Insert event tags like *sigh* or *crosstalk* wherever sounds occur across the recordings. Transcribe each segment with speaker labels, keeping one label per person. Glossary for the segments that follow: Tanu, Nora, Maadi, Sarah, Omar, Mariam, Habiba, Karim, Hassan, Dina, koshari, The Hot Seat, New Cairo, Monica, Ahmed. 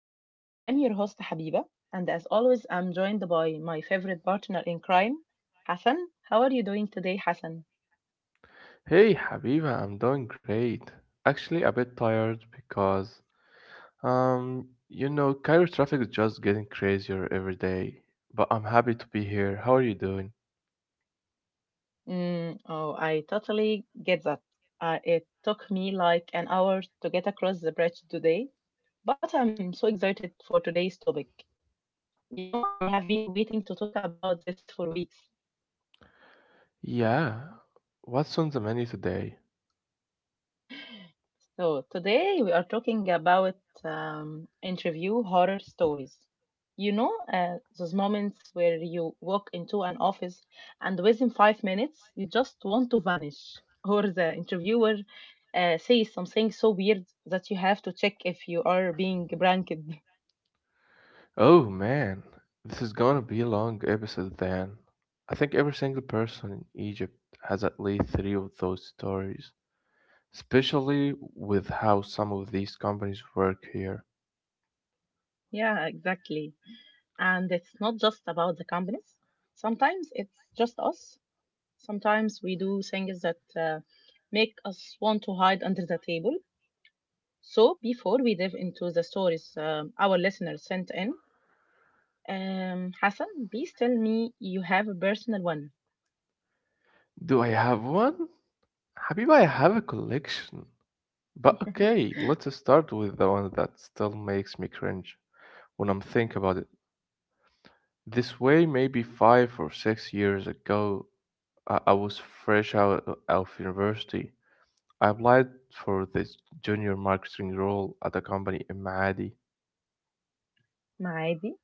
Speaker 1: Seat. I'm your host Habiba, and as always, I'm joined by my favorite partner in crime, Hassan. How are you doing today, Hassan?
Speaker 2: Hey Habiba, I'm doing great. Actually, a bit tired because, Cairo traffic is just getting crazier every day. But I'm happy to be here. How are you doing?
Speaker 1: Mm, oh, I totally get that. It took me like an hour to get across the bridge today, but I'm so excited for today's topic. You know, I have been waiting to talk about this for weeks.
Speaker 2: Yeah. What's on the menu today?
Speaker 1: So today we are talking about interview horror stories. Those moments where you walk into an office and within 5 minutes you just want to vanish, *laughs* or the interviewer says something so weird that you have to check if you are being pranked.
Speaker 2: Oh man, this is gonna be a long episode then. I think every single person in Egypt has at least three of those stories, especially with how some of these companies work here.
Speaker 1: *laughs* Yeah, exactly. And it's not just about the companies. Sometimes it's just us. Sometimes we do things that make us want to hide under the table. So, before we dive into the stories our listeners sent in, Hassan, please tell me you have a personal one.
Speaker 2: Do I have one? Habiba, I have a collection. But
Speaker 1: *laughs*
Speaker 2: okay, let's start with the one that still makes me cringe when I'm think about it. This way, maybe 5 or 6 years ago, I was fresh out of university. I applied for this junior marketing role at a company in Maadi.
Speaker 1: Maadi?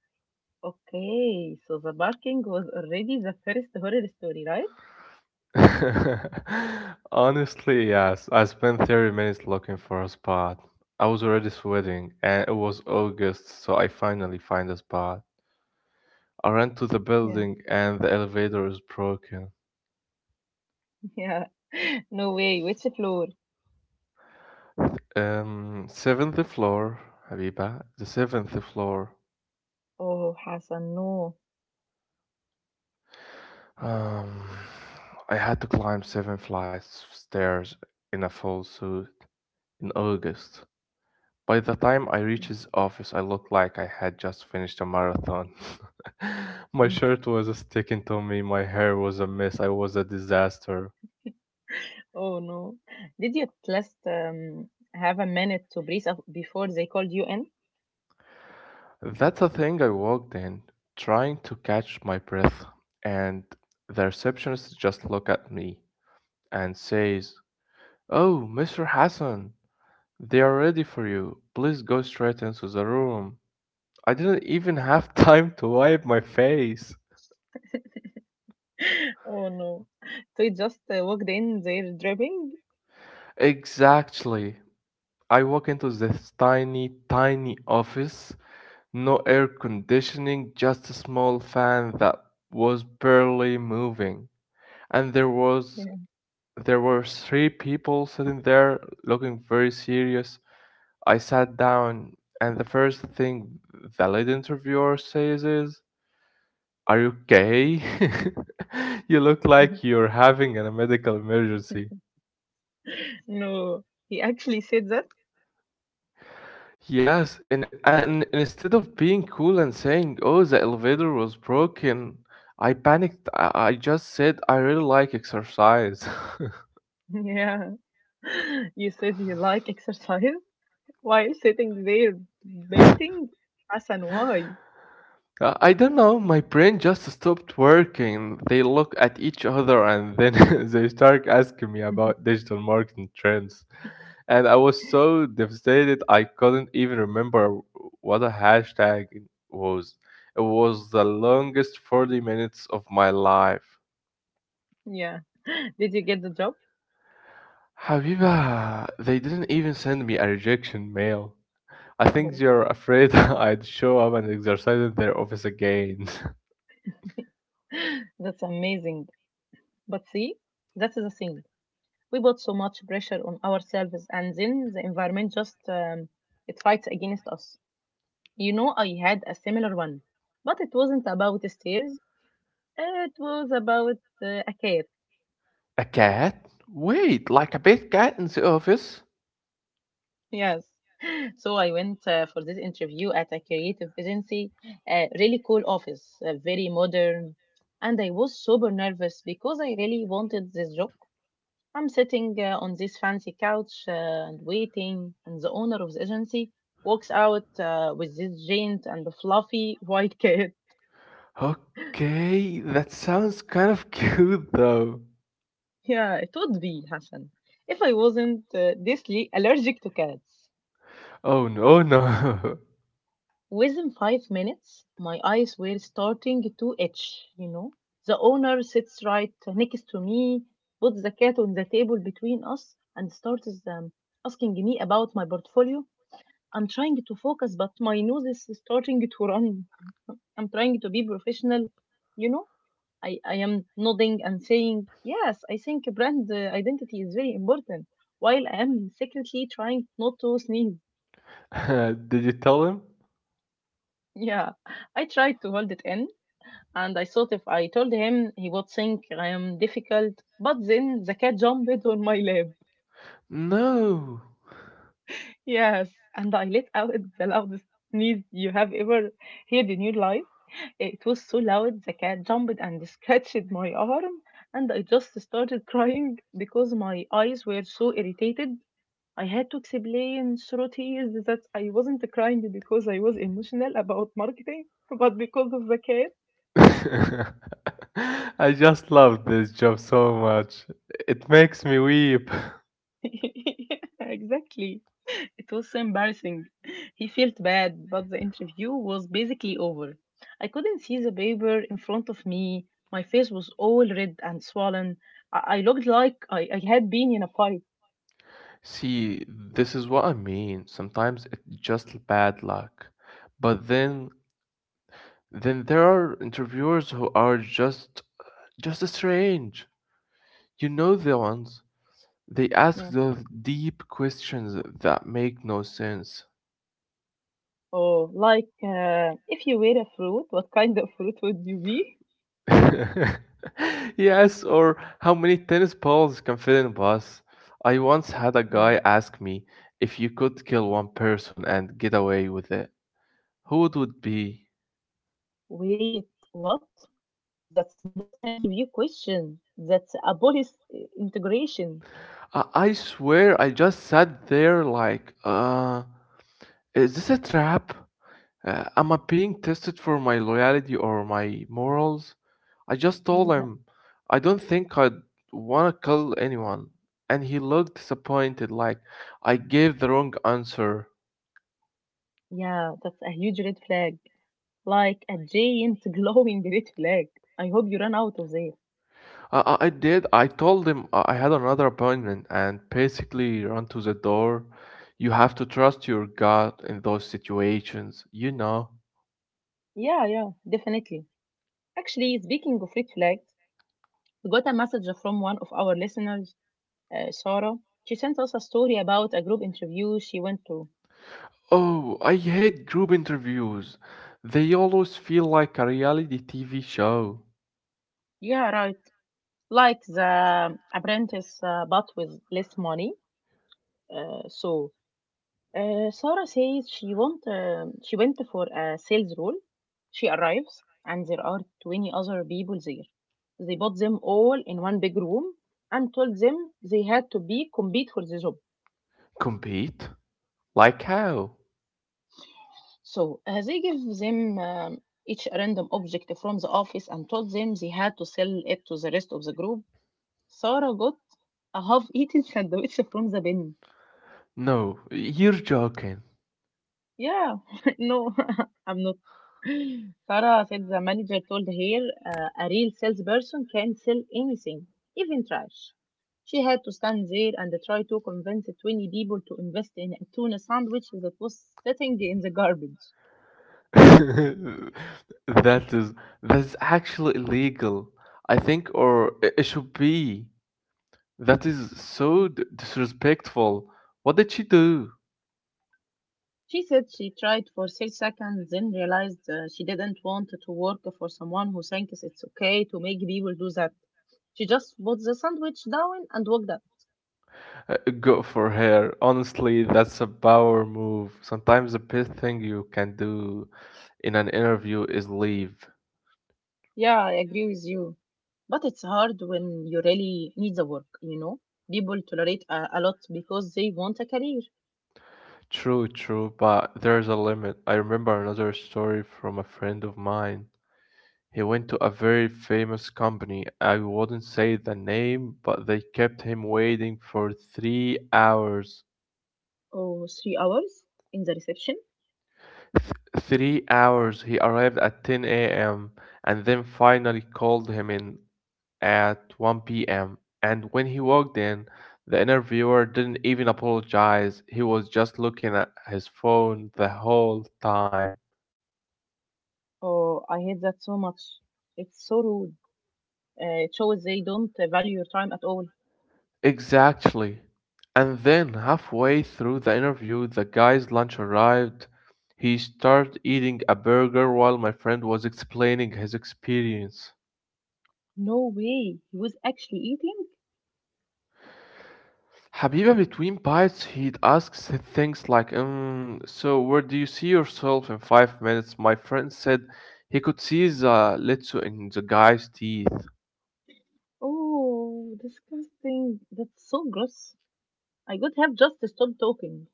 Speaker 1: Okay, so the barking was already the first horror story, right?
Speaker 2: *laughs* Honestly, yes, I spent 30 minutes looking for a spot. I was already sweating, and it was August, so I finally find a spot. I ran to the
Speaker 1: Yeah,
Speaker 2: building, and the elevator is broken.
Speaker 1: *laughs* yeah. No way, which floor?
Speaker 2: Seventh floor, Habiba. The seventh floor.
Speaker 1: Oh, Hassan, no.
Speaker 2: Um, I had to climb 7 flights of stairs in a full suit in August. By the time I reached his office, I looked like I had just finished a marathon. *laughs* My shirt
Speaker 1: *laughs*
Speaker 2: was sticking to me, my hair was a mess, I was a disaster.
Speaker 1: Oh, no. Did you at least have a minute to breathe before they called you in?
Speaker 2: That's the thing. I walked in, trying to catch my breath, and the receptionist just looked at me and says, "Oh, Mr. Hassan, they are ready for you. Please go straight into the room." I didn't even have *laughs* time to wipe my face.
Speaker 1: *laughs* Oh, no. So you just walked in they're dripping?
Speaker 2: Exactly. I walk into this tiny, tiny office. No air conditioning, just a small fan that was barely moving. And
Speaker 1: Yeah.
Speaker 2: there were 3 people sitting there looking very serious. I sat down, and the first thing the lead interviewer says is, "Are you okay? *laughs* You look like
Speaker 1: *laughs*
Speaker 2: you're having a medical emergency."
Speaker 1: No, he actually said that.
Speaker 2: Yes, and, instead of being cool and saying, "Oh, the elevator was broken," I panicked. I just said, "I really like exercise."
Speaker 1: *laughs* Yeah, *laughs* you said you like exercise while sitting there
Speaker 2: *laughs*
Speaker 1: painting. Hassan, why?
Speaker 2: I don't know, my brain just stopped working. They look at each other, and then *laughs* they start asking me about
Speaker 1: *laughs*
Speaker 2: digital marketing trends. And I was so devastated I couldn't even remember what a hashtag it was. It was the longest 40 minutes of my life.
Speaker 1: Yeah, *laughs* did you get the job?
Speaker 2: Habiba, they didn't even send me a rejection mail. I think
Speaker 1: Oh,
Speaker 2: they're afraid *laughs* I'd show up and exercise in their office again. *laughs*
Speaker 1: *laughs* that's amazing. But see, that's the thing. We put so much pressure on ourselves, and then the environment just it fights against us. You know, I had a similar one, but it wasn't about stairs. It was about a cat.
Speaker 2: A cat? Wait, like a big cat in the office?
Speaker 1: Yes. So I went for this interview at a creative agency, really cool office, very modern. And I was super nervous because I really wanted this job. I'm sitting on this fancy couch and waiting, and the owner of the agency walks out with this giant and fluffy white cat. *laughs*
Speaker 2: Okay, that sounds kind of *laughs* cute though.
Speaker 1: Yeah, it would be Hassan if I wasn't deathly allergic to cats.
Speaker 2: Oh no, oh, no.
Speaker 1: Within 5 minutes, my eyes were starting to itch, you know. The owner sits right next to me, puts the cat on the table between us, and starts asking me about my portfolio. I'm trying to focus, but my nose is starting to run. *laughs* I'm trying to be professional, you know. I am nodding and saying, yes, I think brand identity is very important, while I am secretly trying not to sneeze. *laughs*
Speaker 2: *laughs* Did you tell him?
Speaker 1: Yeah, I tried to hold it in, and I thought if I told him, he would think I am difficult. But then the cat jumped on my lap. *laughs*
Speaker 2: No.
Speaker 1: Yes, and I let out the loudest sneeze you have ever heard in your life. It was so loud, the cat jumped and scratched my arm, and I just started crying because my eyes were so irritated. I had to explain through tears that I wasn't crying because I was emotional about marketing, *laughs* but because of the cat.
Speaker 2: *laughs* I just love this job so much. It makes me weep.
Speaker 1: *laughs* Yeah, exactly. It was so embarrassing. He felt bad, but the interview was basically over. I couldn't see the paper in front of me. My face was all red and swollen. I looked like I had been in a fight.
Speaker 2: See, this is what I mean. Sometimes it's just bad luck. But then there are interviewers who are just strange. You know the ones. They ask
Speaker 1: Yeah.
Speaker 2: those deep questions that make no sense.
Speaker 1: Or like, if you were a fruit, what kind of fruit would you be?
Speaker 2: *laughs* Yes, or how many tennis balls can fit in a bus? I once had a
Speaker 1: Yeah.
Speaker 2: guy ask me, "If you could kill one person and get away with it, who it would be?"
Speaker 1: Wait, what? That's not an interview question. That's a police integration.
Speaker 2: I swear I just sat there like, is this a trap? Am I being tested for my loyalty or my morals? I just told
Speaker 1: *laughs*
Speaker 2: him I don't think I'd want to kill anyone. And he looked disappointed, like I gave the wrong answer.
Speaker 1: Yeah, that's a huge red flag. Like a giant *laughs* glowing red flag. I hope you ran out of there.
Speaker 2: I did. I told him I had another appointment and basically run to the door. You have to trust your gut in those situations, you know.
Speaker 1: Yeah, yeah, definitely. Actually, speaking of red flags, we got a message from one of our listeners, Sarah. She sent us a story about a group interview she went to.
Speaker 2: Oh, I hate group interviews. They always feel like a reality TV show.
Speaker 1: Yeah, right. Like the apprentice, but with less money. Uh, so Sarah says she went for a sales role. She arrives and there are 20 other people there. They bought them all in one big room and told them they had to be compete for the job.
Speaker 2: Compete? Like how?
Speaker 1: So they give them each a random object from the office and told them they had to sell it to the rest of the group. Sarah got a half-eaten *laughs* sandwich from the bin.
Speaker 2: No, you're joking.
Speaker 1: Yeah, *laughs* no, *laughs* I'm not. Sarah said the manager told her a real salesperson can sell anything, even trash. She had to stand there and try to convince 20 people to invest in a tuna sandwich that was sitting in the garbage.
Speaker 2: *laughs* That is that's actually illegal. I think, or it should be. That is so disrespectful. What did she do?
Speaker 1: She said she tried for 6 seconds, then realized she didn't want to work for someone who thinks it's okay to make people do that. She just put the sandwich down and walked out.
Speaker 2: Go for her. Honestly, that's a power move. Sometimes the best thing you can do in an interview is leave.
Speaker 1: Yeah, I agree with you. But it's hard when you really need the work, you know? People tolerate a lot because they want a career.
Speaker 2: True, true, but there's a limit. I remember another story from a friend of mine. He went to a very famous company. I wouldn't say the name, but they kept him waiting for 3 hours.
Speaker 1: Oh, 3 hours in the reception?
Speaker 2: 3 hours. He arrived at 10 a.m. and then finally called him in at 1 p.m. And when he walked in, the interviewer didn't even apologize. He was just looking at his phone the whole time.
Speaker 1: Oh, I hate that so much. It's so rude. It shows they don't value your time at all.
Speaker 2: Exactly. And then halfway through the interview, the guy's lunch arrived. He started eating a burger while my friend was explaining his experience.
Speaker 1: No way. He was actually eating?
Speaker 2: Habiba, between bites, he asks things like, "So where do you see yourself in 5 minutes?" My friend said he could see the little in the guy's teeth.
Speaker 1: Oh, disgusting. That's so gross. I could have just stopped talking.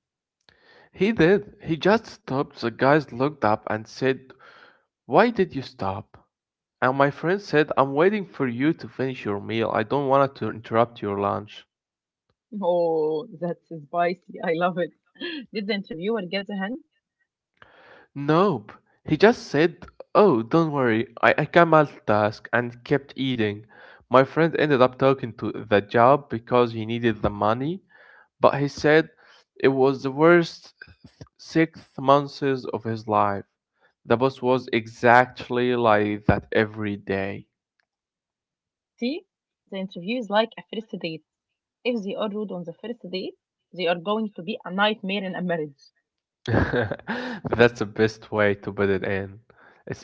Speaker 2: He did. He just stopped. The guys looked up and said, "Why did you stop?" And my friend said, "I'm waiting for you to finish your meal. I don't want to interrupt your lunch."
Speaker 1: Oh, *laughs* that's spicy. I love it. *laughs* Did the interviewer get the hint?
Speaker 2: Nope. He just said, "Oh, don't worry, I can multitask," and kept eating. My friend ended up talking to the job because he needed the money, but he said it was the worst 6 months of his life. The boss was exactly like that every day.
Speaker 1: See, the interview is like a first date. If they are rude on the first date, they are going to be a nightmare in a marriage.
Speaker 2: *laughs* That's the best way to put it in. It's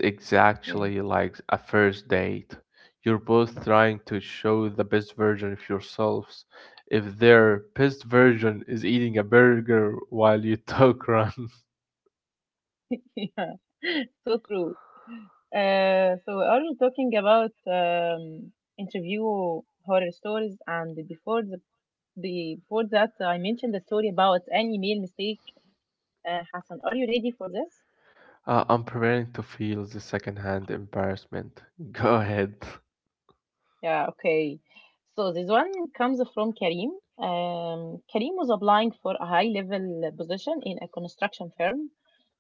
Speaker 1: Yeah,
Speaker 2: exactly like a first date. You're both trying to show the best version of yourselves. If their best version is eating a burger while you talk, run.
Speaker 1: *laughs* yeah. So true. So we are talking about interview horror stories, and before that, I mentioned the story about any male mistake. Hassan, are you ready for this?
Speaker 2: *laughs* I'm preparing to feel the secondhand embarrassment. *laughs* Go ahead.
Speaker 1: Yeah, okay. So this one comes from Karim. Karim was applying for a high level position in a construction firm.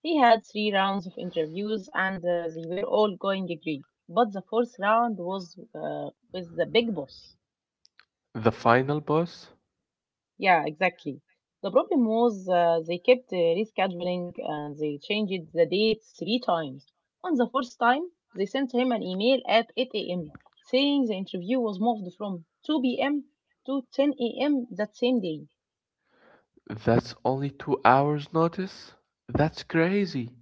Speaker 1: He had three rounds of interviews and they were all going great. But the fourth round was with the big boss.
Speaker 2: The final boss?
Speaker 1: Yeah, exactly. The problem was they kept rescheduling and they changed the date three times. On the fourth time, they sent him an email at 8 a.m. saying the interview was moved from 2 p.m. to 10 a.m. that same day.
Speaker 2: That's only 2 hours' notice? That's crazy.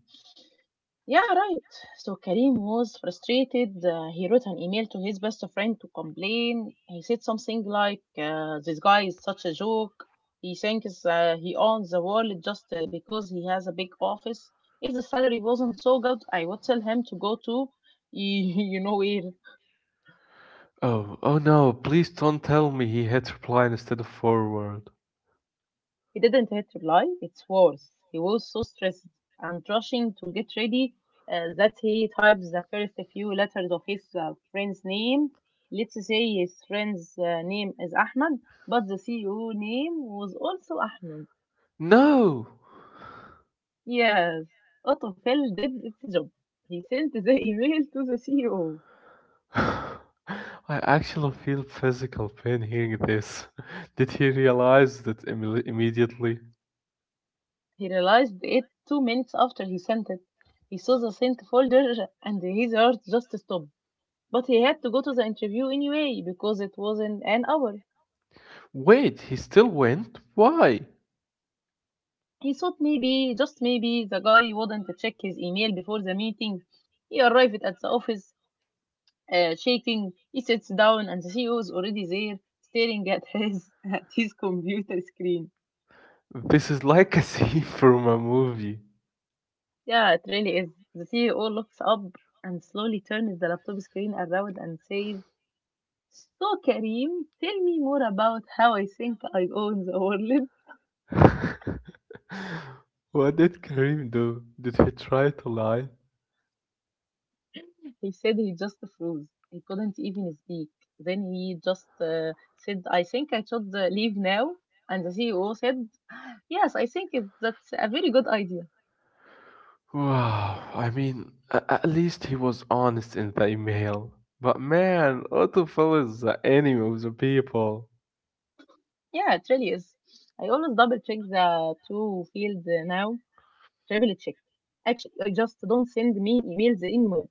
Speaker 1: Yeah, right. So Karim was frustrated. He wrote an email to his best friend to complain. He said something like, this guy is such a joke. He thinks he owns the world just because he has a big office. If the salary wasn't so good, I would tell him to go to, *laughs* you know, where.
Speaker 2: Oh, oh no, please don't tell me he hit reply instead of forward.
Speaker 1: He didn't hit reply. It's worse. He was so stressed and rushing to get ready that he types the first few letters of his friend's name. Let's say his friend's name is Ahmed, but the CEO name was also Ahmed.
Speaker 2: No! *sighs*
Speaker 1: Yes, autofill did its job. He sent the *laughs* email to the CEO.
Speaker 2: *laughs* I actually feel physical pain hearing this. *laughs* Did he realize that immediately?
Speaker 1: He realized it 2 minutes after he sent it. He saw the sent folder and his heart just stopped. But he had to go to the interview anyway because it was in an hour.
Speaker 2: Wait, he still went? Why?
Speaker 1: He thought maybe, just maybe, the guy wouldn't check his email before the meeting. He arrived at the office, shaking. He sits down and the CEO is already there, staring at *laughs* his computer screen.
Speaker 2: This is like *laughs* a scene from a movie.
Speaker 1: Yeah, it really is. The CEO looks up and slowly turns the laptop screen around and says, "So Karim, tell me more about how I think I own the world."
Speaker 2: *laughs* What did Karim do? Did he try to lie?
Speaker 1: He said he just froze. He couldn't even speak. Then he just said, I think I should leave now. And the CEO said, *gasps* yes, I think that's a very good idea.
Speaker 2: Wow, I mean, at least he was honest in the email. But man, Autofill is the enemy of the people.
Speaker 1: Yeah, it really is. I always double check the two field now, triple check. Actually, I just don't send mean emails anymore.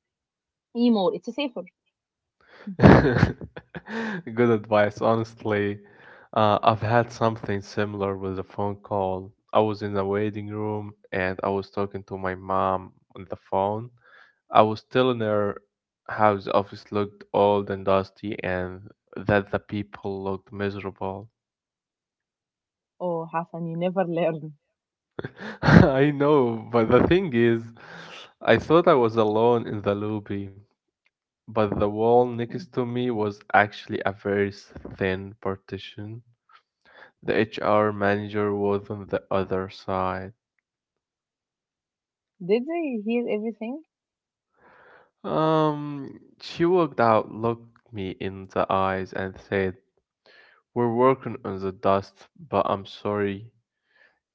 Speaker 1: Anymore, it's safer.
Speaker 2: *laughs* Good advice. Honestly, I've had something similar with a phone call. I was in the waiting room and I was talking to my mom on the phone. I was telling her how the office looked old and dusty and that the people looked miserable.
Speaker 1: Oh, Hassan, you never learn.
Speaker 2: *laughs* I know, but the thing is, I thought I was alone in the lobby, but the wall
Speaker 1: Yeah.
Speaker 2: next to me was actually a very thin partition. The HR manager was on the other side.
Speaker 1: Did they hear everything?
Speaker 2: She walked out, looked me in the eyes, and said, "We're working on the dust, but I'm sorry.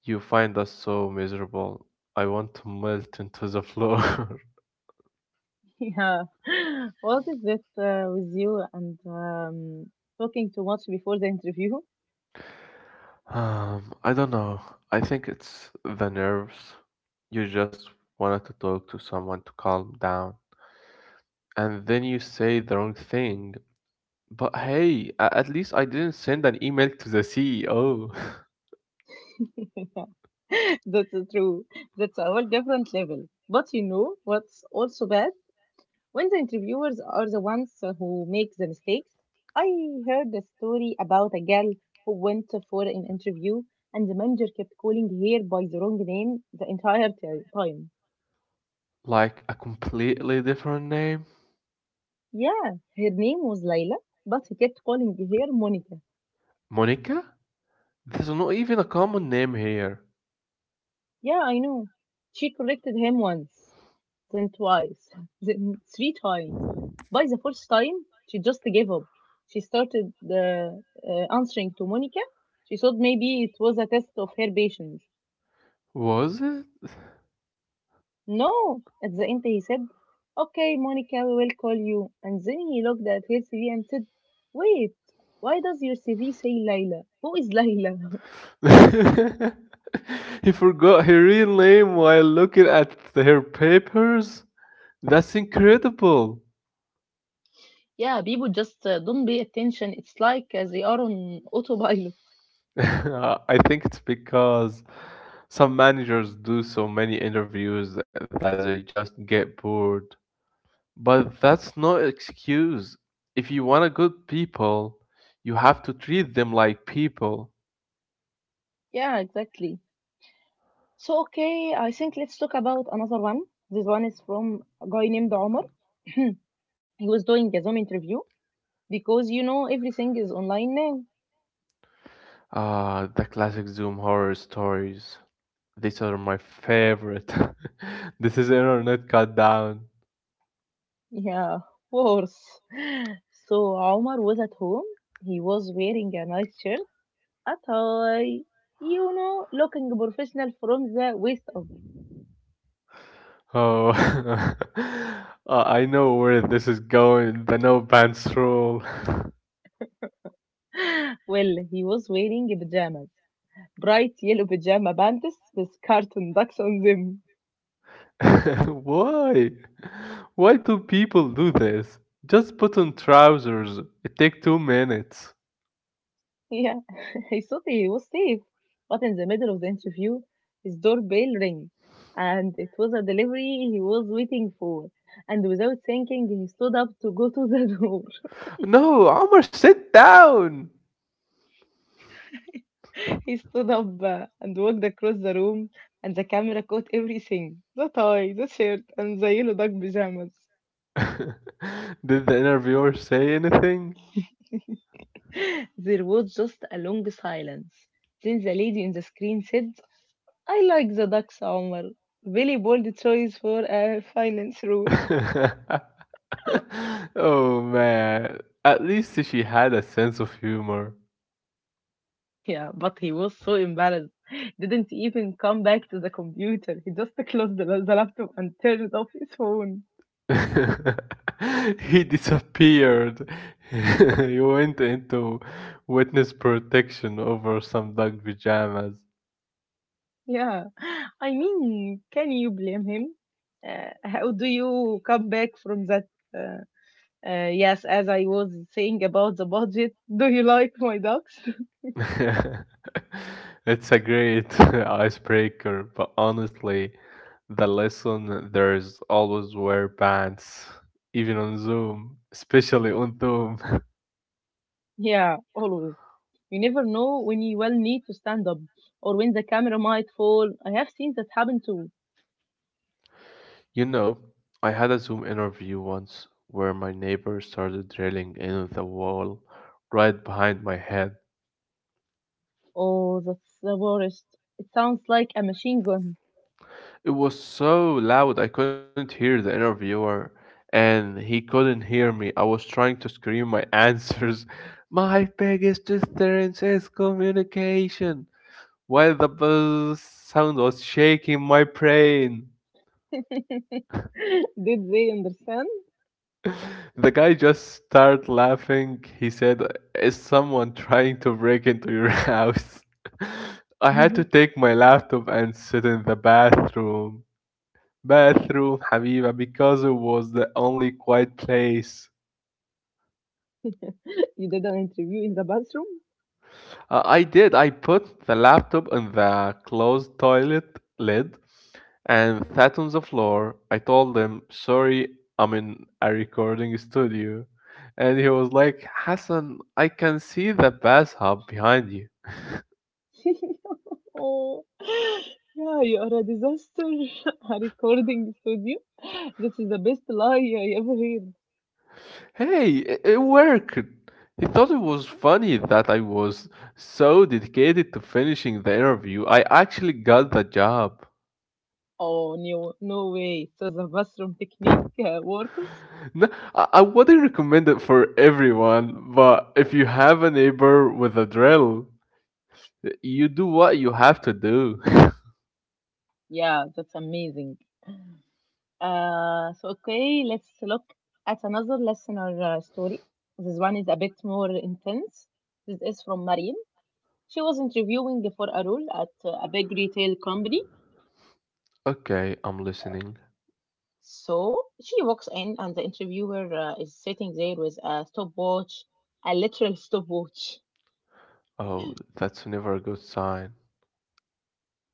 Speaker 2: You find us so miserable." I want to melt into the floor.
Speaker 1: Yeah. *laughs* What is it with you and talking too much before the interview? *laughs*
Speaker 2: *laughs* I don't know. I think it's the nerves. You just wanted to talk to someone to calm down. And then you say the wrong thing. But hey, at least I didn't send an email to the CEO. *laughs*
Speaker 1: Yeah. *laughs* That's true. That's a whole different level. But you know what's also bad? When the interviewers are the ones who make the mistakes. I heard a story about a girl who went for an interview and the manager kept calling her by the wrong name the entire time.
Speaker 2: Like a completely different name.
Speaker 1: Yeah, her name was Layla, but he kept calling her Monica.
Speaker 2: Monica? There's not even a common name here.
Speaker 1: Yeah, I know. She corrected him once, then twice, *laughs* then three times. By the fourth time, she just gave up. She started answering to Monica. She thought maybe it was a test of her patience.
Speaker 2: Was it?
Speaker 1: No, at the end he said, "Okay, Monica, we will call you." And then he looked at her CV and said, "Wait, why does your CV say Layla? Who is Layla?" *laughs*
Speaker 2: *laughs* He forgot her real name while looking at her papers? That's incredible.
Speaker 1: Yeah, people just don't pay attention. It's like they are on autopilot.
Speaker 2: *laughs* I think it's because some managers do so many interviews that they just get bored. But that's no excuse. If you want to good people, you have to treat them like people.
Speaker 1: Yeah, exactly. So okay, I think let's talk about another one. This one is from a guy named Omar. *clears throat* He was doing a Zoom interview because you know everything is online now.
Speaker 2: Ah, the classic Zoom horror stories. These are my favorite. *laughs* This is internet cut down.
Speaker 1: Yeah, of course. *laughs* So Omar was at home. He was wearing a nice shirt, a tie, you know, looking professional from the waist up.
Speaker 2: Oh, *laughs* I know where this is going. The no pants rule.
Speaker 1: Well, he was wearing pajamas, bright yellow pajama pants with cartoon ducks on them.
Speaker 2: *laughs* Why? Why do people do this? Just put on trousers. It takes 2 minutes.
Speaker 1: Yeah, *laughs* he thought he was safe, but in the middle of the interview, his doorbell rang, and it was a delivery he was waiting for. And without thinking, he stood up to go to the *laughs* door.
Speaker 2: No, Omar, sit down.
Speaker 1: He stood up and walked across the room, and the camera caught everything, the tie, the shirt, and the yellow duck pajamas.
Speaker 2: *laughs* Did the interviewer say anything?
Speaker 1: *gasps* *laughs* There was just a long silence. Then the lady in the screen said, I like the ducks, Omar. Very bold choice for a finance role.
Speaker 2: *laughs* *laughs* Oh man, at least she had a sense of humor.
Speaker 1: Yeah, but he was so embarrassed. *laughs* Didn't even come back to the computer. He just *laughs* closed the laptop and turned off his phone.
Speaker 2: *laughs* He disappeared. *laughs* He went into witness protection over some duck pajamas.
Speaker 1: Yeah. I mean, can you blame him? How do you come back from that? Uh, yes, as I was saying about the budget, *laughs* do you like my ducks? *laughs*
Speaker 2: *laughs* It's a great *laughs* icebreaker, but honestly, the lesson there's always wear pants, even on Zoom, especially on Zoom. *laughs*
Speaker 1: Yeah, always. You never know when you will need to stand up or when the camera might fall. I have seen that happen too.
Speaker 2: You know, I had a Zoom interview once where my neighbor started drilling into the wall right behind my head.
Speaker 1: Oh, that's the worst. It sounds like a machine gun.
Speaker 2: It was so loud I couldn't hear the interviewer, and he couldn't hear me. I was trying to scream my answers. *laughs* My biggest strength is communication, while the buzz sound was shaking my brain.
Speaker 1: *laughs* Did they understand?
Speaker 2: The guy just started laughing. He said, "Is someone trying to break into your *laughs* house?"
Speaker 1: *laughs*
Speaker 2: I had to
Speaker 1: You
Speaker 2: take my laptop and sit in the bathroom. Bathroom, Habiba, because it was the only quiet place.
Speaker 1: did an interview in the bathroom?
Speaker 2: I did. I put the laptop in the closed toilet lid and sat on the floor. I told him, "Sorry, I'm in a recording studio." And he was like, "Hassan, I can see the bathtub behind you."
Speaker 1: *laughs* Oh, yeah, you are a disaster. *laughs* A recording studio? This is the best lie I ever heard.
Speaker 2: Hey, it worked. He thought it was funny that I was so dedicated to finishing the interview. I actually got the job.
Speaker 1: Oh, no, no way. So the bathroom technique works?
Speaker 2: No, I wouldn't recommend it for everyone, but if you have a neighbor with a drill, you do what you have to do. *laughs*
Speaker 1: Yeah, that's amazing. So okay, let's look at another listener story. This one is a bit more intense. This is from Mariam. She was interviewing for a role at a big retail company.
Speaker 2: Okay, I'm listening.
Speaker 1: So she walks in, and the interviewer is sitting there with a stopwatch, a literal stopwatch.
Speaker 2: Oh, that's never a good sign.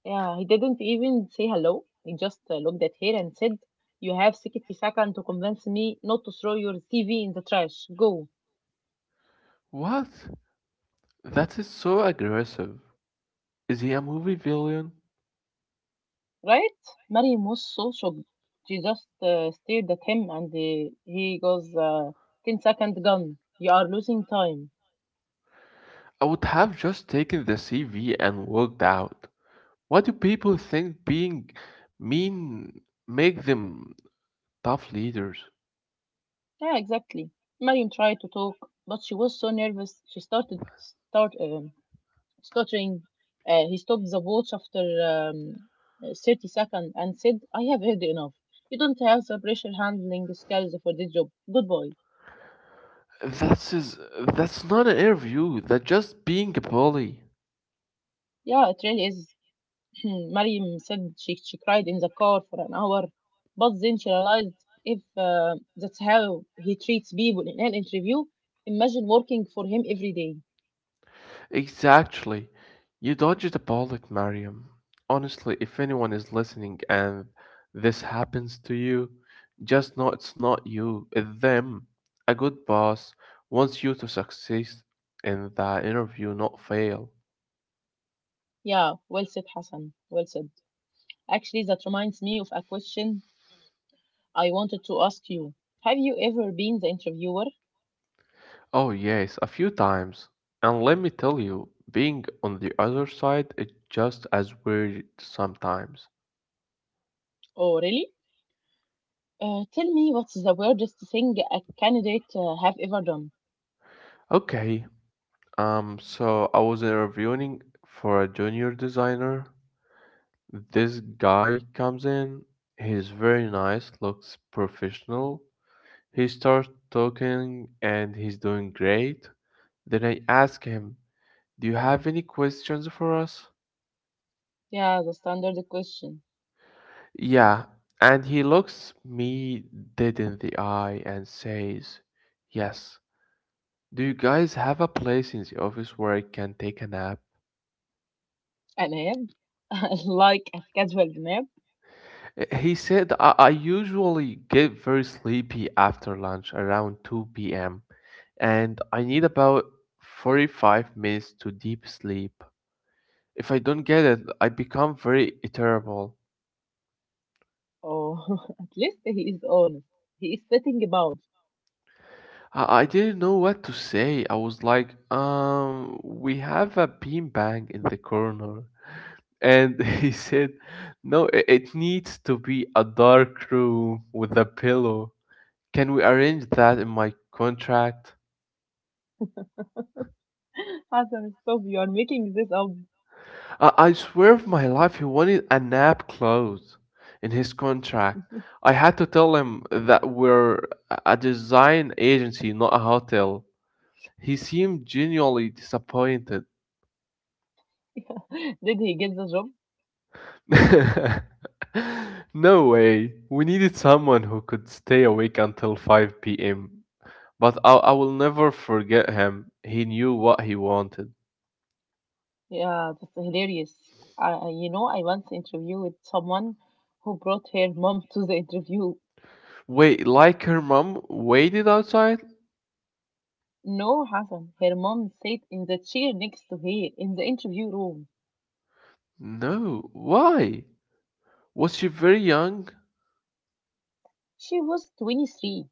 Speaker 1: Yeah, he didn't even say hello. He just looked at her and said, you have 60 seconds to convince me not to throw your CV in the trash. Go.
Speaker 2: What? That is so aggressive. Is he a movie villain?
Speaker 1: Right? Mariam was so shocked. She just stared at him and he goes, 10-second gun. You are losing time.
Speaker 2: I would have just taken the CV and walked out. Why do people think being mean make them tough leaders?
Speaker 1: Yeah, exactly. Marion tried to talk, but she was so nervous. She started start stuttering. He stopped the watch after um, 30 seconds and said, I have heard enough. You don't have the pressure handling skills for this job. Goodbye.
Speaker 2: That's is that's not an interview. That's just being a bully.
Speaker 1: Yeah, it really is. *clears throat* Mariam said she cried in the car for an hour, but then she realized if that's how he treats people in an interview, imagine working for him every day.
Speaker 2: Exactly. You dodged a bullet, Mariam. Honestly, if anyone is listening and this happens to you, just know it's not you, it's them. A good boss wants you to succeed in that interview, not fail.
Speaker 1: Yeah, well said, Hassan. Well said. Actually, that reminds me of a question I wanted to ask you. Have you ever been the interviewer?
Speaker 2: Oh, yes, a few times. And let me tell you, being on the other side is just as weird sometimes.
Speaker 1: Oh, really? Tell me, what's the weirdest thing a candidate have ever done?
Speaker 2: Okay, so I was interviewing for a junior designer. This guy comes in, he's very nice, looks professional. He starts talking and he's doing great. Then I ask him, do you have any questions for us?
Speaker 1: Yeah, the standard question.
Speaker 2: Yeah, and he looks me dead in the eye and says, yes. Do you guys have a place in the office where I can take a nap?
Speaker 1: A nap? *laughs* Like a scheduled nap?
Speaker 2: He said, I usually get very sleepy after lunch around 2 p.m. and I need about 45 minutes to deep sleep. If I don't get it, I become very irritable.
Speaker 1: Oh, *laughs* at least he is honest. He is sitting about.
Speaker 2: I didn't know what to say. I was like, we have a beanbag in the corner. And *laughs* he said, no, it needs to be a dark room with a pillow. Can we arrange that in my contract?
Speaker 1: *laughs* Hassan, stop. You are making this up.
Speaker 2: I swear for my life he wanted a nap clause in his contract. I had to tell him that we're a design agency, not a hotel. He seemed genuinely disappointed.
Speaker 1: *laughs* Did he get the job?
Speaker 2: *laughs* No way. We needed someone who could stay awake until 5 p.m. But I will never forget him. He knew what he wanted.
Speaker 1: Yeah, that's hilarious. I, you know, I once interviewed someone who brought her mom to the interview.
Speaker 2: Wait, like her mom waited outside?
Speaker 1: No, Hassan, her mom sat in the chair next to her in the interview room.
Speaker 2: No. Why? Was she very young?
Speaker 1: She was 23,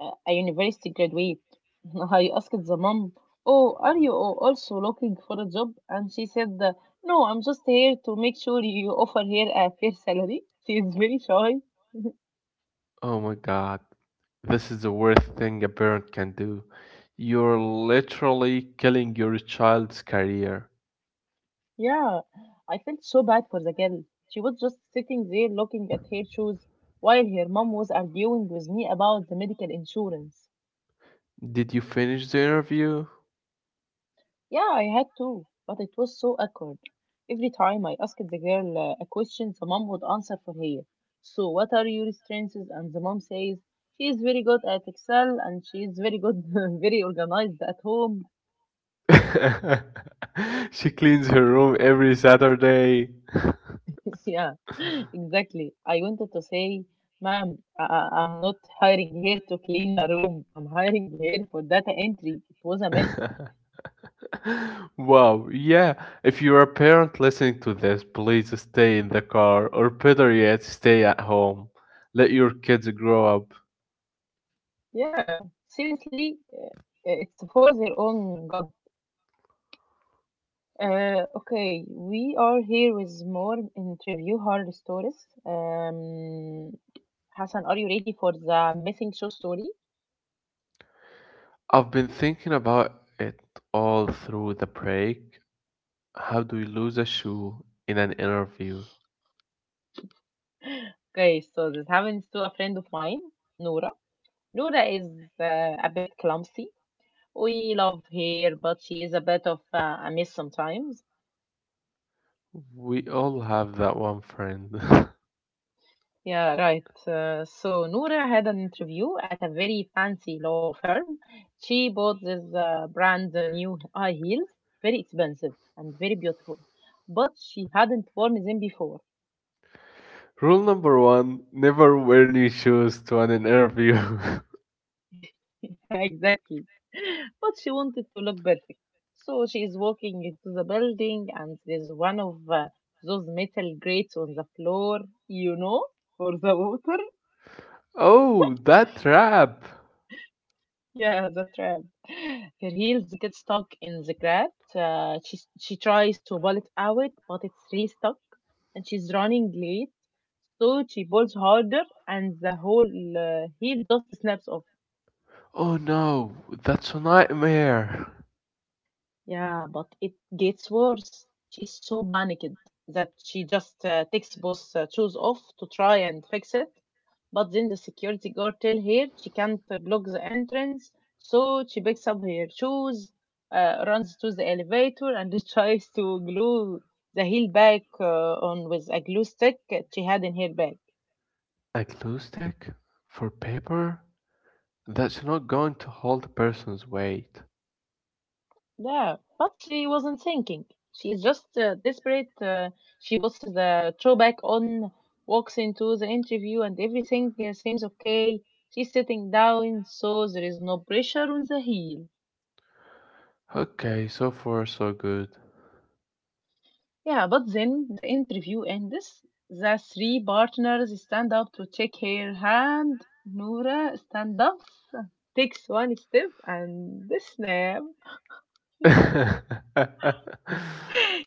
Speaker 1: a university graduate. *laughs* I asked the mom, oh, are you al- also looking for a job? And she said, no, I'm just here to make sure you offer her a fair salary. She is very shy. *laughs*
Speaker 2: Oh my god, this is the worst thing a parent can do. You're literally killing your child's career.
Speaker 1: Yeah, I felt so bad for the girl. She was just sitting there looking at her shoes while her mom was arguing with me about the medical insurance.
Speaker 2: Did you finish the interview?
Speaker 1: Yeah, I had to, but it was so awkward. Every time I asked the girl a question, the mom would answer for her. So, what are your strengths? And the mom says, she is very good at Excel and she is very good, *laughs* very organized at home.
Speaker 2: *laughs* She cleans her room every Saturday.
Speaker 1: *laughs* Yeah, *laughs* exactly. I wanted to say, ma'am, I'm not hiring here to clean her room. I'm hiring here for data entry. It was a mess.
Speaker 2: *laughs* Wow, yeah. If you're a parent listening to this, please stay in the car, or better yet, stay at home. Let your kids grow up.
Speaker 1: Yeah, seriously, it's for their own good. Okay, we are here with more interview horror stories. Um, Hassan, are you ready for the missing show story?
Speaker 2: I've been thinking about it all through the break. How do you lose a shoe in an interview?
Speaker 1: Okay, so this happens to a friend of mine, Nora. Nora is a bit clumsy. We love her, but she is a bit of a mess sometimes.
Speaker 2: We all have that one friend. *laughs*
Speaker 1: Yeah, right. So Noura had an interview at a very fancy law firm. She bought this brand new high heels, very expensive and very beautiful, but she hadn't worn them before.
Speaker 2: Rule number one, never wear new shoes to an interview. *laughs*
Speaker 1: *laughs* Exactly. But she wanted to look perfect. So she is walking into the building, and there's one of those metal grates on the floor, you know, for the water.
Speaker 2: Oh, that trap!
Speaker 1: Yeah, the trap. *laughs* Her heels get stuck in the grab. She tries to pull it out, but it's really stuck, and she's running late. So she pulls harder, and the whole heel just snaps off.
Speaker 2: Oh no, that's a nightmare!
Speaker 1: Yeah, but it gets worse. She is so panicked that she just takes both shoes off to try and fix it. But then the security guard tell her she can't block the entrance, so she picks up her shoes, runs to the elevator, and *laughs* tries to glue the heel back on with a glue stick that she had in her bag.
Speaker 2: A glue stick? For paper? That's not going to hold a person's weight.
Speaker 1: Yeah, but she wasn't thinking. She's just desperate. She puts the throwback on, walks into the interview, and everything seems okay. She's sitting down, so there is no pressure on the heel.
Speaker 2: Okay, so far so good.
Speaker 1: Yeah, but then the interview ends. The three partners stand up to check her hand. Nora stand up, takes one step, and snap. Yeah.
Speaker 2: *laughs*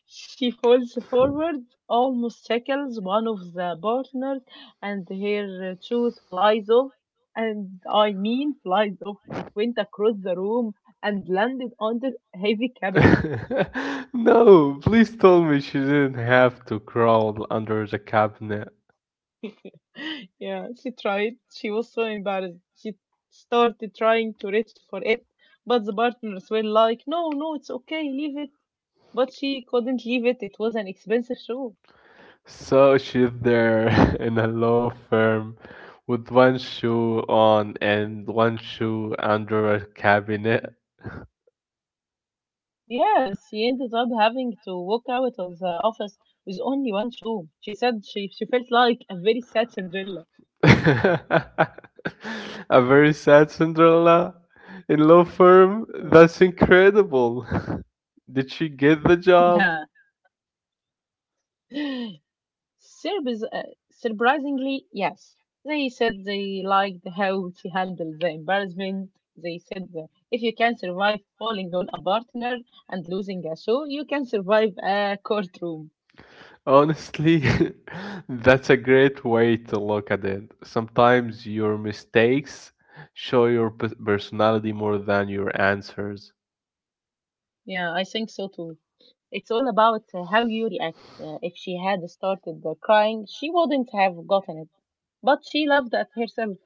Speaker 1: She falls forward, almost tackles one of the partners, and her shoes flies off. And I mean flies off. It went across the room and landed on the heavy cabinet.
Speaker 2: *laughs* No, please tell me she didn't have to crawl under the cabinet.
Speaker 1: *laughs* Yeah, she tried. She was so embarrassed. She started trying to reach for it, but the partners were like, "No, no, it's okay, leave it." But she couldn't leave it. It was an expensive shoe.
Speaker 2: So she's there *laughs* in a law firm with one shoe on and one shoe under a cabinet.
Speaker 1: Yes, she ended up having to walk out of the office with only one shoe. She said she felt like a very sad Cinderella.
Speaker 2: *laughs* A very sad Cinderella in law firm?
Speaker 1: Mm.
Speaker 2: That's incredible. *laughs* Did she get the
Speaker 1: *laughs*
Speaker 2: job?
Speaker 1: Yeah. Surpris- uh, surprisingly, yes. They said they liked how she handled the embarrassment. They said that if you can survive falling on a partner and losing a shoe, you can survive a courtroom.
Speaker 2: Honestly, *laughs* that's a great way to look at it. Sometimes your mistakes show your personality more than your answers.
Speaker 1: Yeah, I think so too. It's all about how you react.
Speaker 2: *laughs*
Speaker 1: If she had started crying, she wouldn't have gotten it. But she laughed at herself.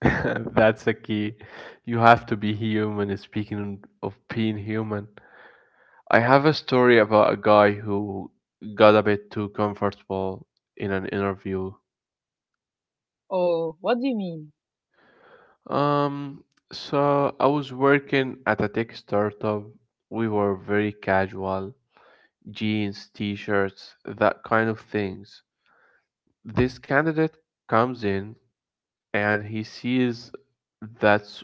Speaker 2: That's a key. You have to be human. And speaking of being human, I have a story about a guy who got a bit too comfortable in an interview.
Speaker 1: Oh, what do you mean?
Speaker 2: Um, so I was working at a tech startup. We were very casual, jeans, t-shirts, that kind of things. This candidate comes in and he sees that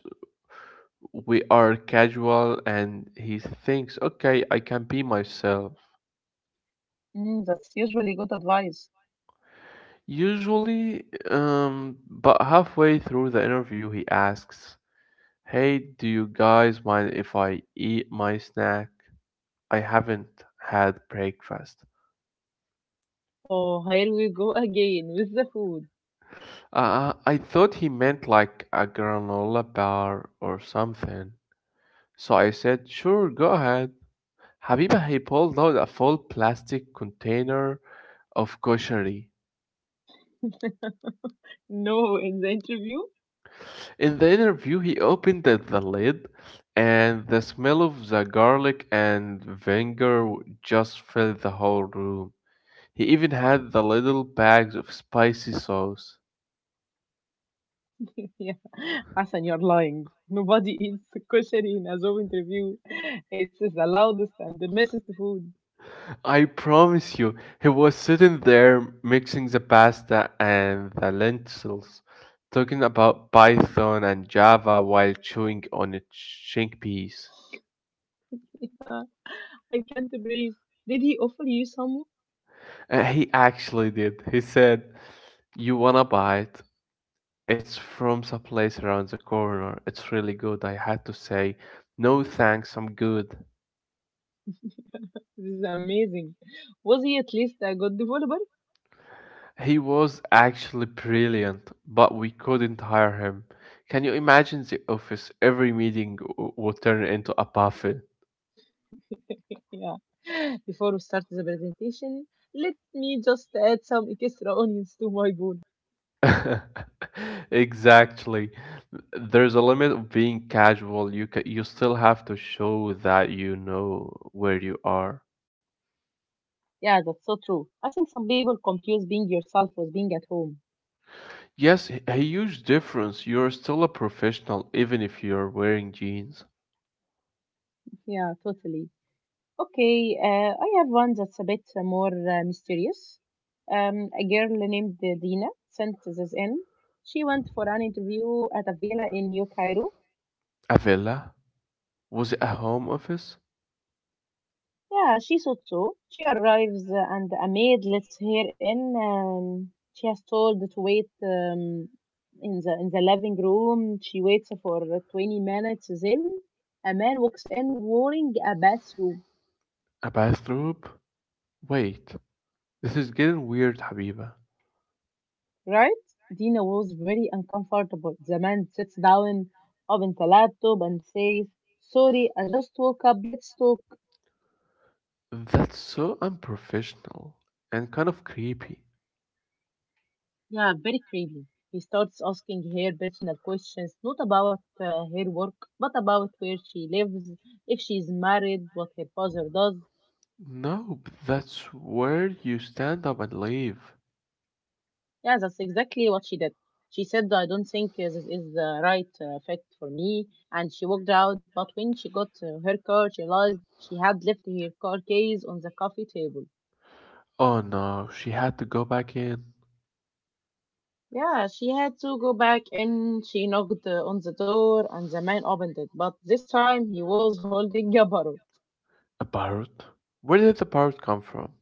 Speaker 2: we are casual and he thinks, okay, I can be myself.
Speaker 1: Mm, that's usually good advice.
Speaker 2: Usually, but halfway through the interview, he asks, hey, do you guys mind if I eat my snack? I haven't had breakfast.
Speaker 1: Oh, here we go again with the food.
Speaker 2: I thought he meant like a granola bar or something. So I said, sure, go ahead. Habiba, he pulled out a full plastic container of koshari.
Speaker 1: *laughs* No, in the interview?
Speaker 2: In the interview, he opened the lid, and the smell of the garlic and vinegar just filled the whole room. He even had the little bags of spicy sauce.
Speaker 1: *laughs* Yeah. Hassan, you're lying. Nobody *laughs* eats kosher in a Zoom interview. It's the loudest and the messiest food.
Speaker 2: I promise you, he was sitting there mixing the pasta and the lentils, talking about Python and Java while chewing on a chink piece.
Speaker 1: *laughs* Yeah, I can't breathe. Did he offer you some?
Speaker 2: He actually did. He said, you wanna buy it? It's from some place around the corner. It's really good. I had to say, no thanks, I'm good.
Speaker 1: This is amazing. Was he at least a good developer?
Speaker 2: He was actually brilliant, but we couldn't hire him. Can you imagine the office? Every meeting would turn into a buffet. *laughs*
Speaker 1: *laughs* Yeah. Before we start the presentation, let me just add some extra onions to my bowl.
Speaker 2: Exactly. There's a limit of being casual. You still have to show that you know where you are.
Speaker 1: Yeah, that's so true. I think some people confuse being yourself with being at home.
Speaker 2: Yes, a huge difference. You're still a professional even if you're wearing jeans.
Speaker 1: *laughs* Yeah, totally. Okay, I have one that's a bit more mysterious. A girl named Dina sent this in. She went for an interview at a villa in New Cairo.
Speaker 2: A villa? Was it a home office?
Speaker 1: Yeah, she thought so. She arrives and a maid lets her in. She has told to wait in the living room. She waits for 20 minutes. Then a man walks in wearing a bathrobe,
Speaker 2: A bathrobe? Wait, this is getting weird, Habiba.
Speaker 1: right? Dina was very uncomfortable. The man sits down, opens the laptop, and says, sorry, I just woke up. Let's talk.
Speaker 2: That's so unprofessional and kind of creepy.
Speaker 1: Yeah, very creepy. He starts asking her personal questions, not about her work, but about where she lives, if she's married, what her father does.
Speaker 2: No, that's where you stand up and leave.
Speaker 1: Yeah, that's exactly what she did. She said, I don't think this is the right fit for me, and she walked out. But when she got to her car, she realized she had left her car keys on the coffee table.
Speaker 2: Oh no, she had to go back in.
Speaker 1: Yeah, she had to go back in. She knocked on the door, and the man opened it. But this time he was holding a bottle.
Speaker 2: A parrot? Where did the parrot come from?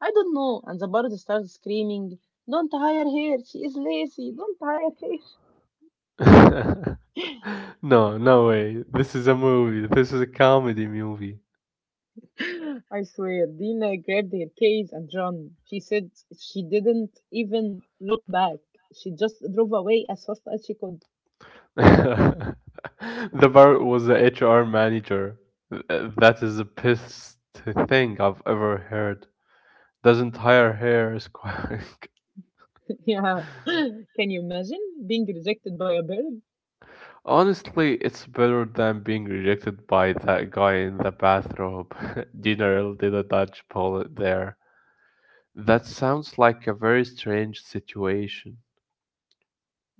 Speaker 1: I don't know. And the bird starts screaming, don't hire her. She is lazy. Don't hire
Speaker 2: *laughs* No, no way. This is a movie. This is a comedy movie.
Speaker 1: her. *laughs* I swear, Dina grabbed her case and ran. She said she didn't even look back. She just drove away as fast as she could.
Speaker 2: *laughs* The parrot was the HR manager. That is the pissed thing I've ever heard. Doesn't hire hair squawk. *laughs*
Speaker 1: *laughs* Yeah. Can you imagine being rejected by a bird?
Speaker 2: Honestly, it's better than being rejected by that guy in the bathrobe. *laughs* General did a Dutch bullet there. That sounds like a very strange situation.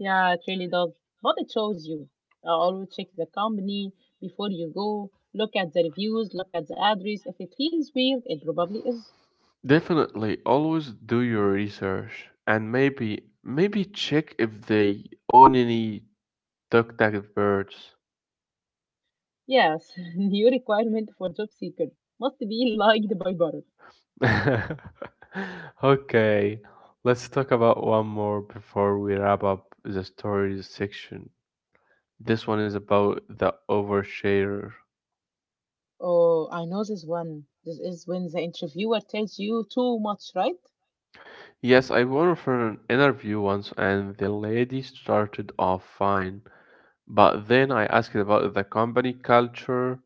Speaker 1: Yeah, it really does. But it shows you. Always check the company before you go. Look at the reviews, look at the address. If it feels weird, it probably is.
Speaker 2: Definitely, always do your research and maybe check if they own any duck-tagged birds. *laughs*
Speaker 1: Yes, *laughs* new requirement for job seeker, must be liked by Bharat.
Speaker 2: Okay, let's talk about one more before we wrap up the stories section. This one is about the overshare.
Speaker 1: Oh, I know this one. This is when the interviewer tells you too much, right?
Speaker 2: Yes, I went for an interview once and the lady started off fine, but then I asked about the company culture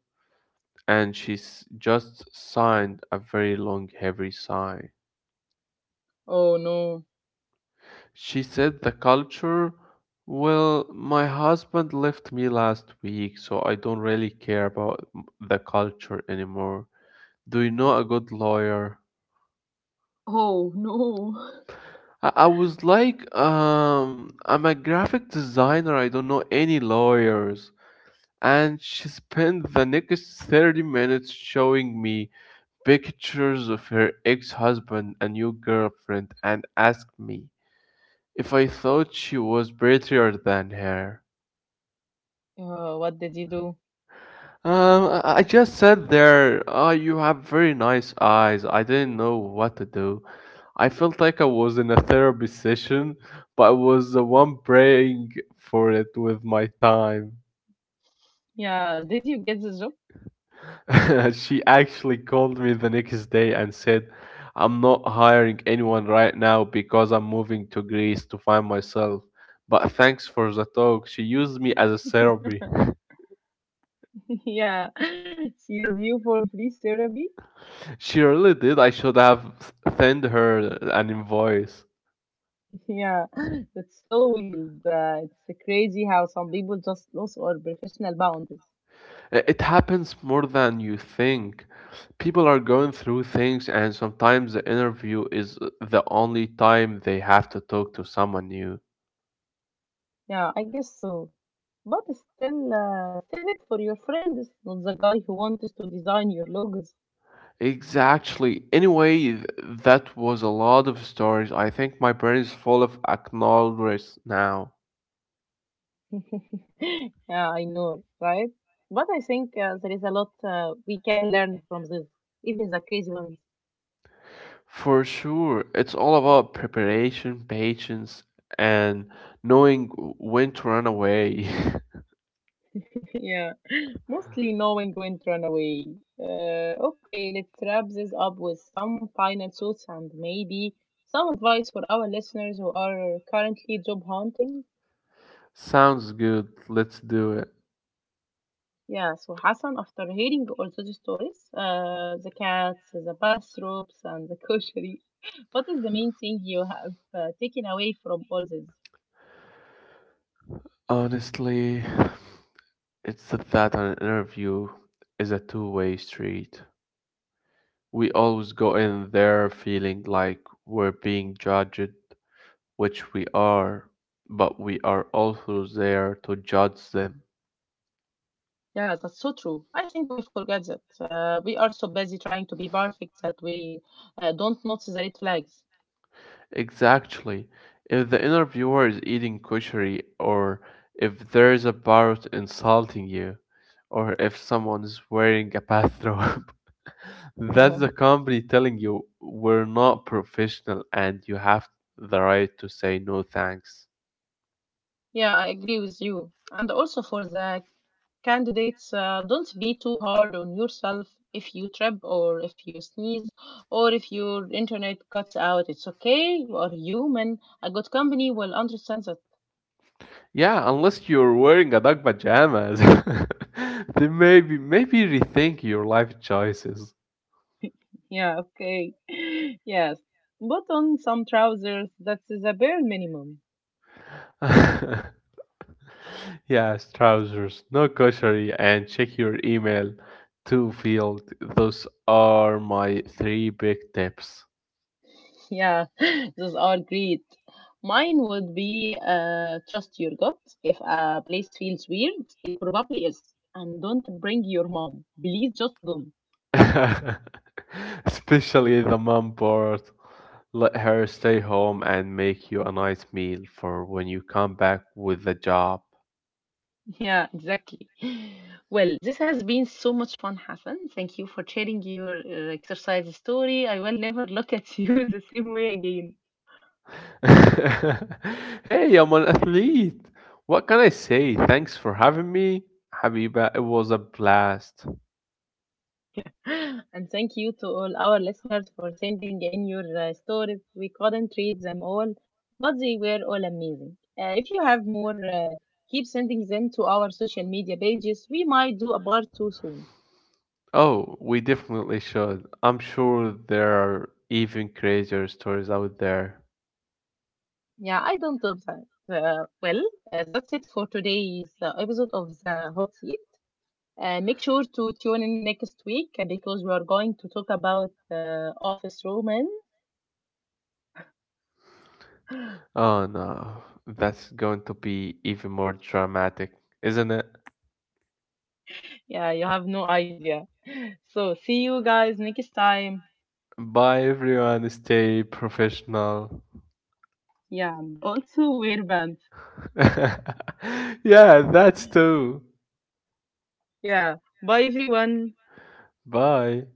Speaker 2: and just signed a very long, heavy sigh.
Speaker 1: Oh no.
Speaker 2: She said the culture, well, my husband left me last week, so I don't really care about the culture anymore. Do you know a good lawyer?
Speaker 1: Oh no. *laughs*
Speaker 2: I was like, I'm a graphic designer. I don't know any lawyers. And she spent the next 30 minutes showing me pictures of her ex-husband and new girlfriend and asked me if I thought she was prettier than her.
Speaker 1: What did you do?
Speaker 2: I just sat there. Oh, you have very nice eyes. I didn't know what to do. I felt like I was in a therapy session, but I was the one praying for it with my time.
Speaker 1: Yeah, did you get the job?
Speaker 2: *laughs* She actually called me the next day and said, I'm not hiring anyone right now because I'm moving to Greece to find myself. But thanks for the talk. She used me as a
Speaker 1: *laughs*
Speaker 2: therapy.
Speaker 1: Yeah, *laughs* she used you for free therapy.
Speaker 2: *laughs* She really did. I should have sent her an invoice.
Speaker 1: *laughs* Yeah, that's so weird. It's crazy how some people just lose all professional boundaries.
Speaker 2: It happens more than you think. People are going through things, and sometimes the interview is the only time they have to talk to someone new.
Speaker 1: Yeah, I guess so. But still, save it for your friends, not the guy who wants to design your logos.
Speaker 2: Exactly. Anyway, that was a lot of stories. I think my brain is full of acknowledgments now.
Speaker 1: *laughs* Yeah, I know, right? But I think there is a lot we can learn from this, even the crazy ones.
Speaker 2: For sure, it's all about preparation, patience, and knowing when to run away.
Speaker 1: *laughs* Yeah, mostly knowing when to run away. Okay, let's wrap this up with some final thoughts and maybe some advice for our listeners who are currently job hunting.
Speaker 2: *laughs* Sounds good. Let's do it.
Speaker 1: Yeah, so Hassan, after hearing all those stories, the cats, the bathrobes, and the koshery, *laughs* what is the main thing you have taken away from all this?
Speaker 2: Honestly, it's that an interview is a two-way street. We always go in there feeling like we're being judged, which we are, but we are also there to judge them.
Speaker 1: Yeah, that's so true. I think we forget that. We are so busy trying to be perfect that we don't notice the red flags.
Speaker 2: Exactly. If the interviewer is eating kushari, or if there's a parrot insulting you, or if someone is wearing a bathrobe, *laughs* that's the company telling you we're not professional and you have the right to say no thanks.
Speaker 1: *laughs* Yeah, I agree with you. And also for the candidates, don't be too hard on yourself if you trip or if you sneeze or if your internet cuts out. It's okay. You are human. A good company will understand that.
Speaker 2: Yeah, unless you're wearing a dog pajamas, *laughs* then maybe rethink your life choices.
Speaker 1: Yeah, okay. *laughs* Yes. But on some trousers, that's the bare minimum.
Speaker 2: *laughs* Yes, trousers, no grocery, and check your email to field. Those are my three big tips.
Speaker 1: Yeah, *laughs* those are great. Mine would be trust your gut. If a place feels weird, it probably is. And don't bring your mom. Please just don't.
Speaker 2: *laughs* Especially the mom part. Let her stay home and make you a nice meal for when you come back with the job.
Speaker 1: Yeah, exactly. Well, this has been so much fun, Hassan. Thank you for sharing your exercise story. I will never look at you *laughs* the same way again. *laughs*
Speaker 2: *laughs* Hey, I'm an athlete. What can I say? Thanks for having me, Habiba. It was a blast.
Speaker 1: Yeah. And thank you to all our listeners for sending in your stories. We couldn't read them all, but they were all amazing. If you have more, keep sending them to our social media pages. We might do a part two soon.
Speaker 2: Oh, we definitely should. I'm sure there are even crazier stories out there.
Speaker 1: Yeah, I don't know that. Well, that's it for today's episode of the Hot Seat. Make sure to tune in next week because we are going to talk about office romance.
Speaker 2: Oh no, that's going to be even more dramatic, isn't it?
Speaker 1: Yeah, you have no idea. So see you guys next time.
Speaker 2: Bye everyone, stay professional.
Speaker 1: Yeah, and also wear bands.
Speaker 2: *laughs* Yeah, that's too.
Speaker 1: Yeah, bye everyone.
Speaker 2: Bye.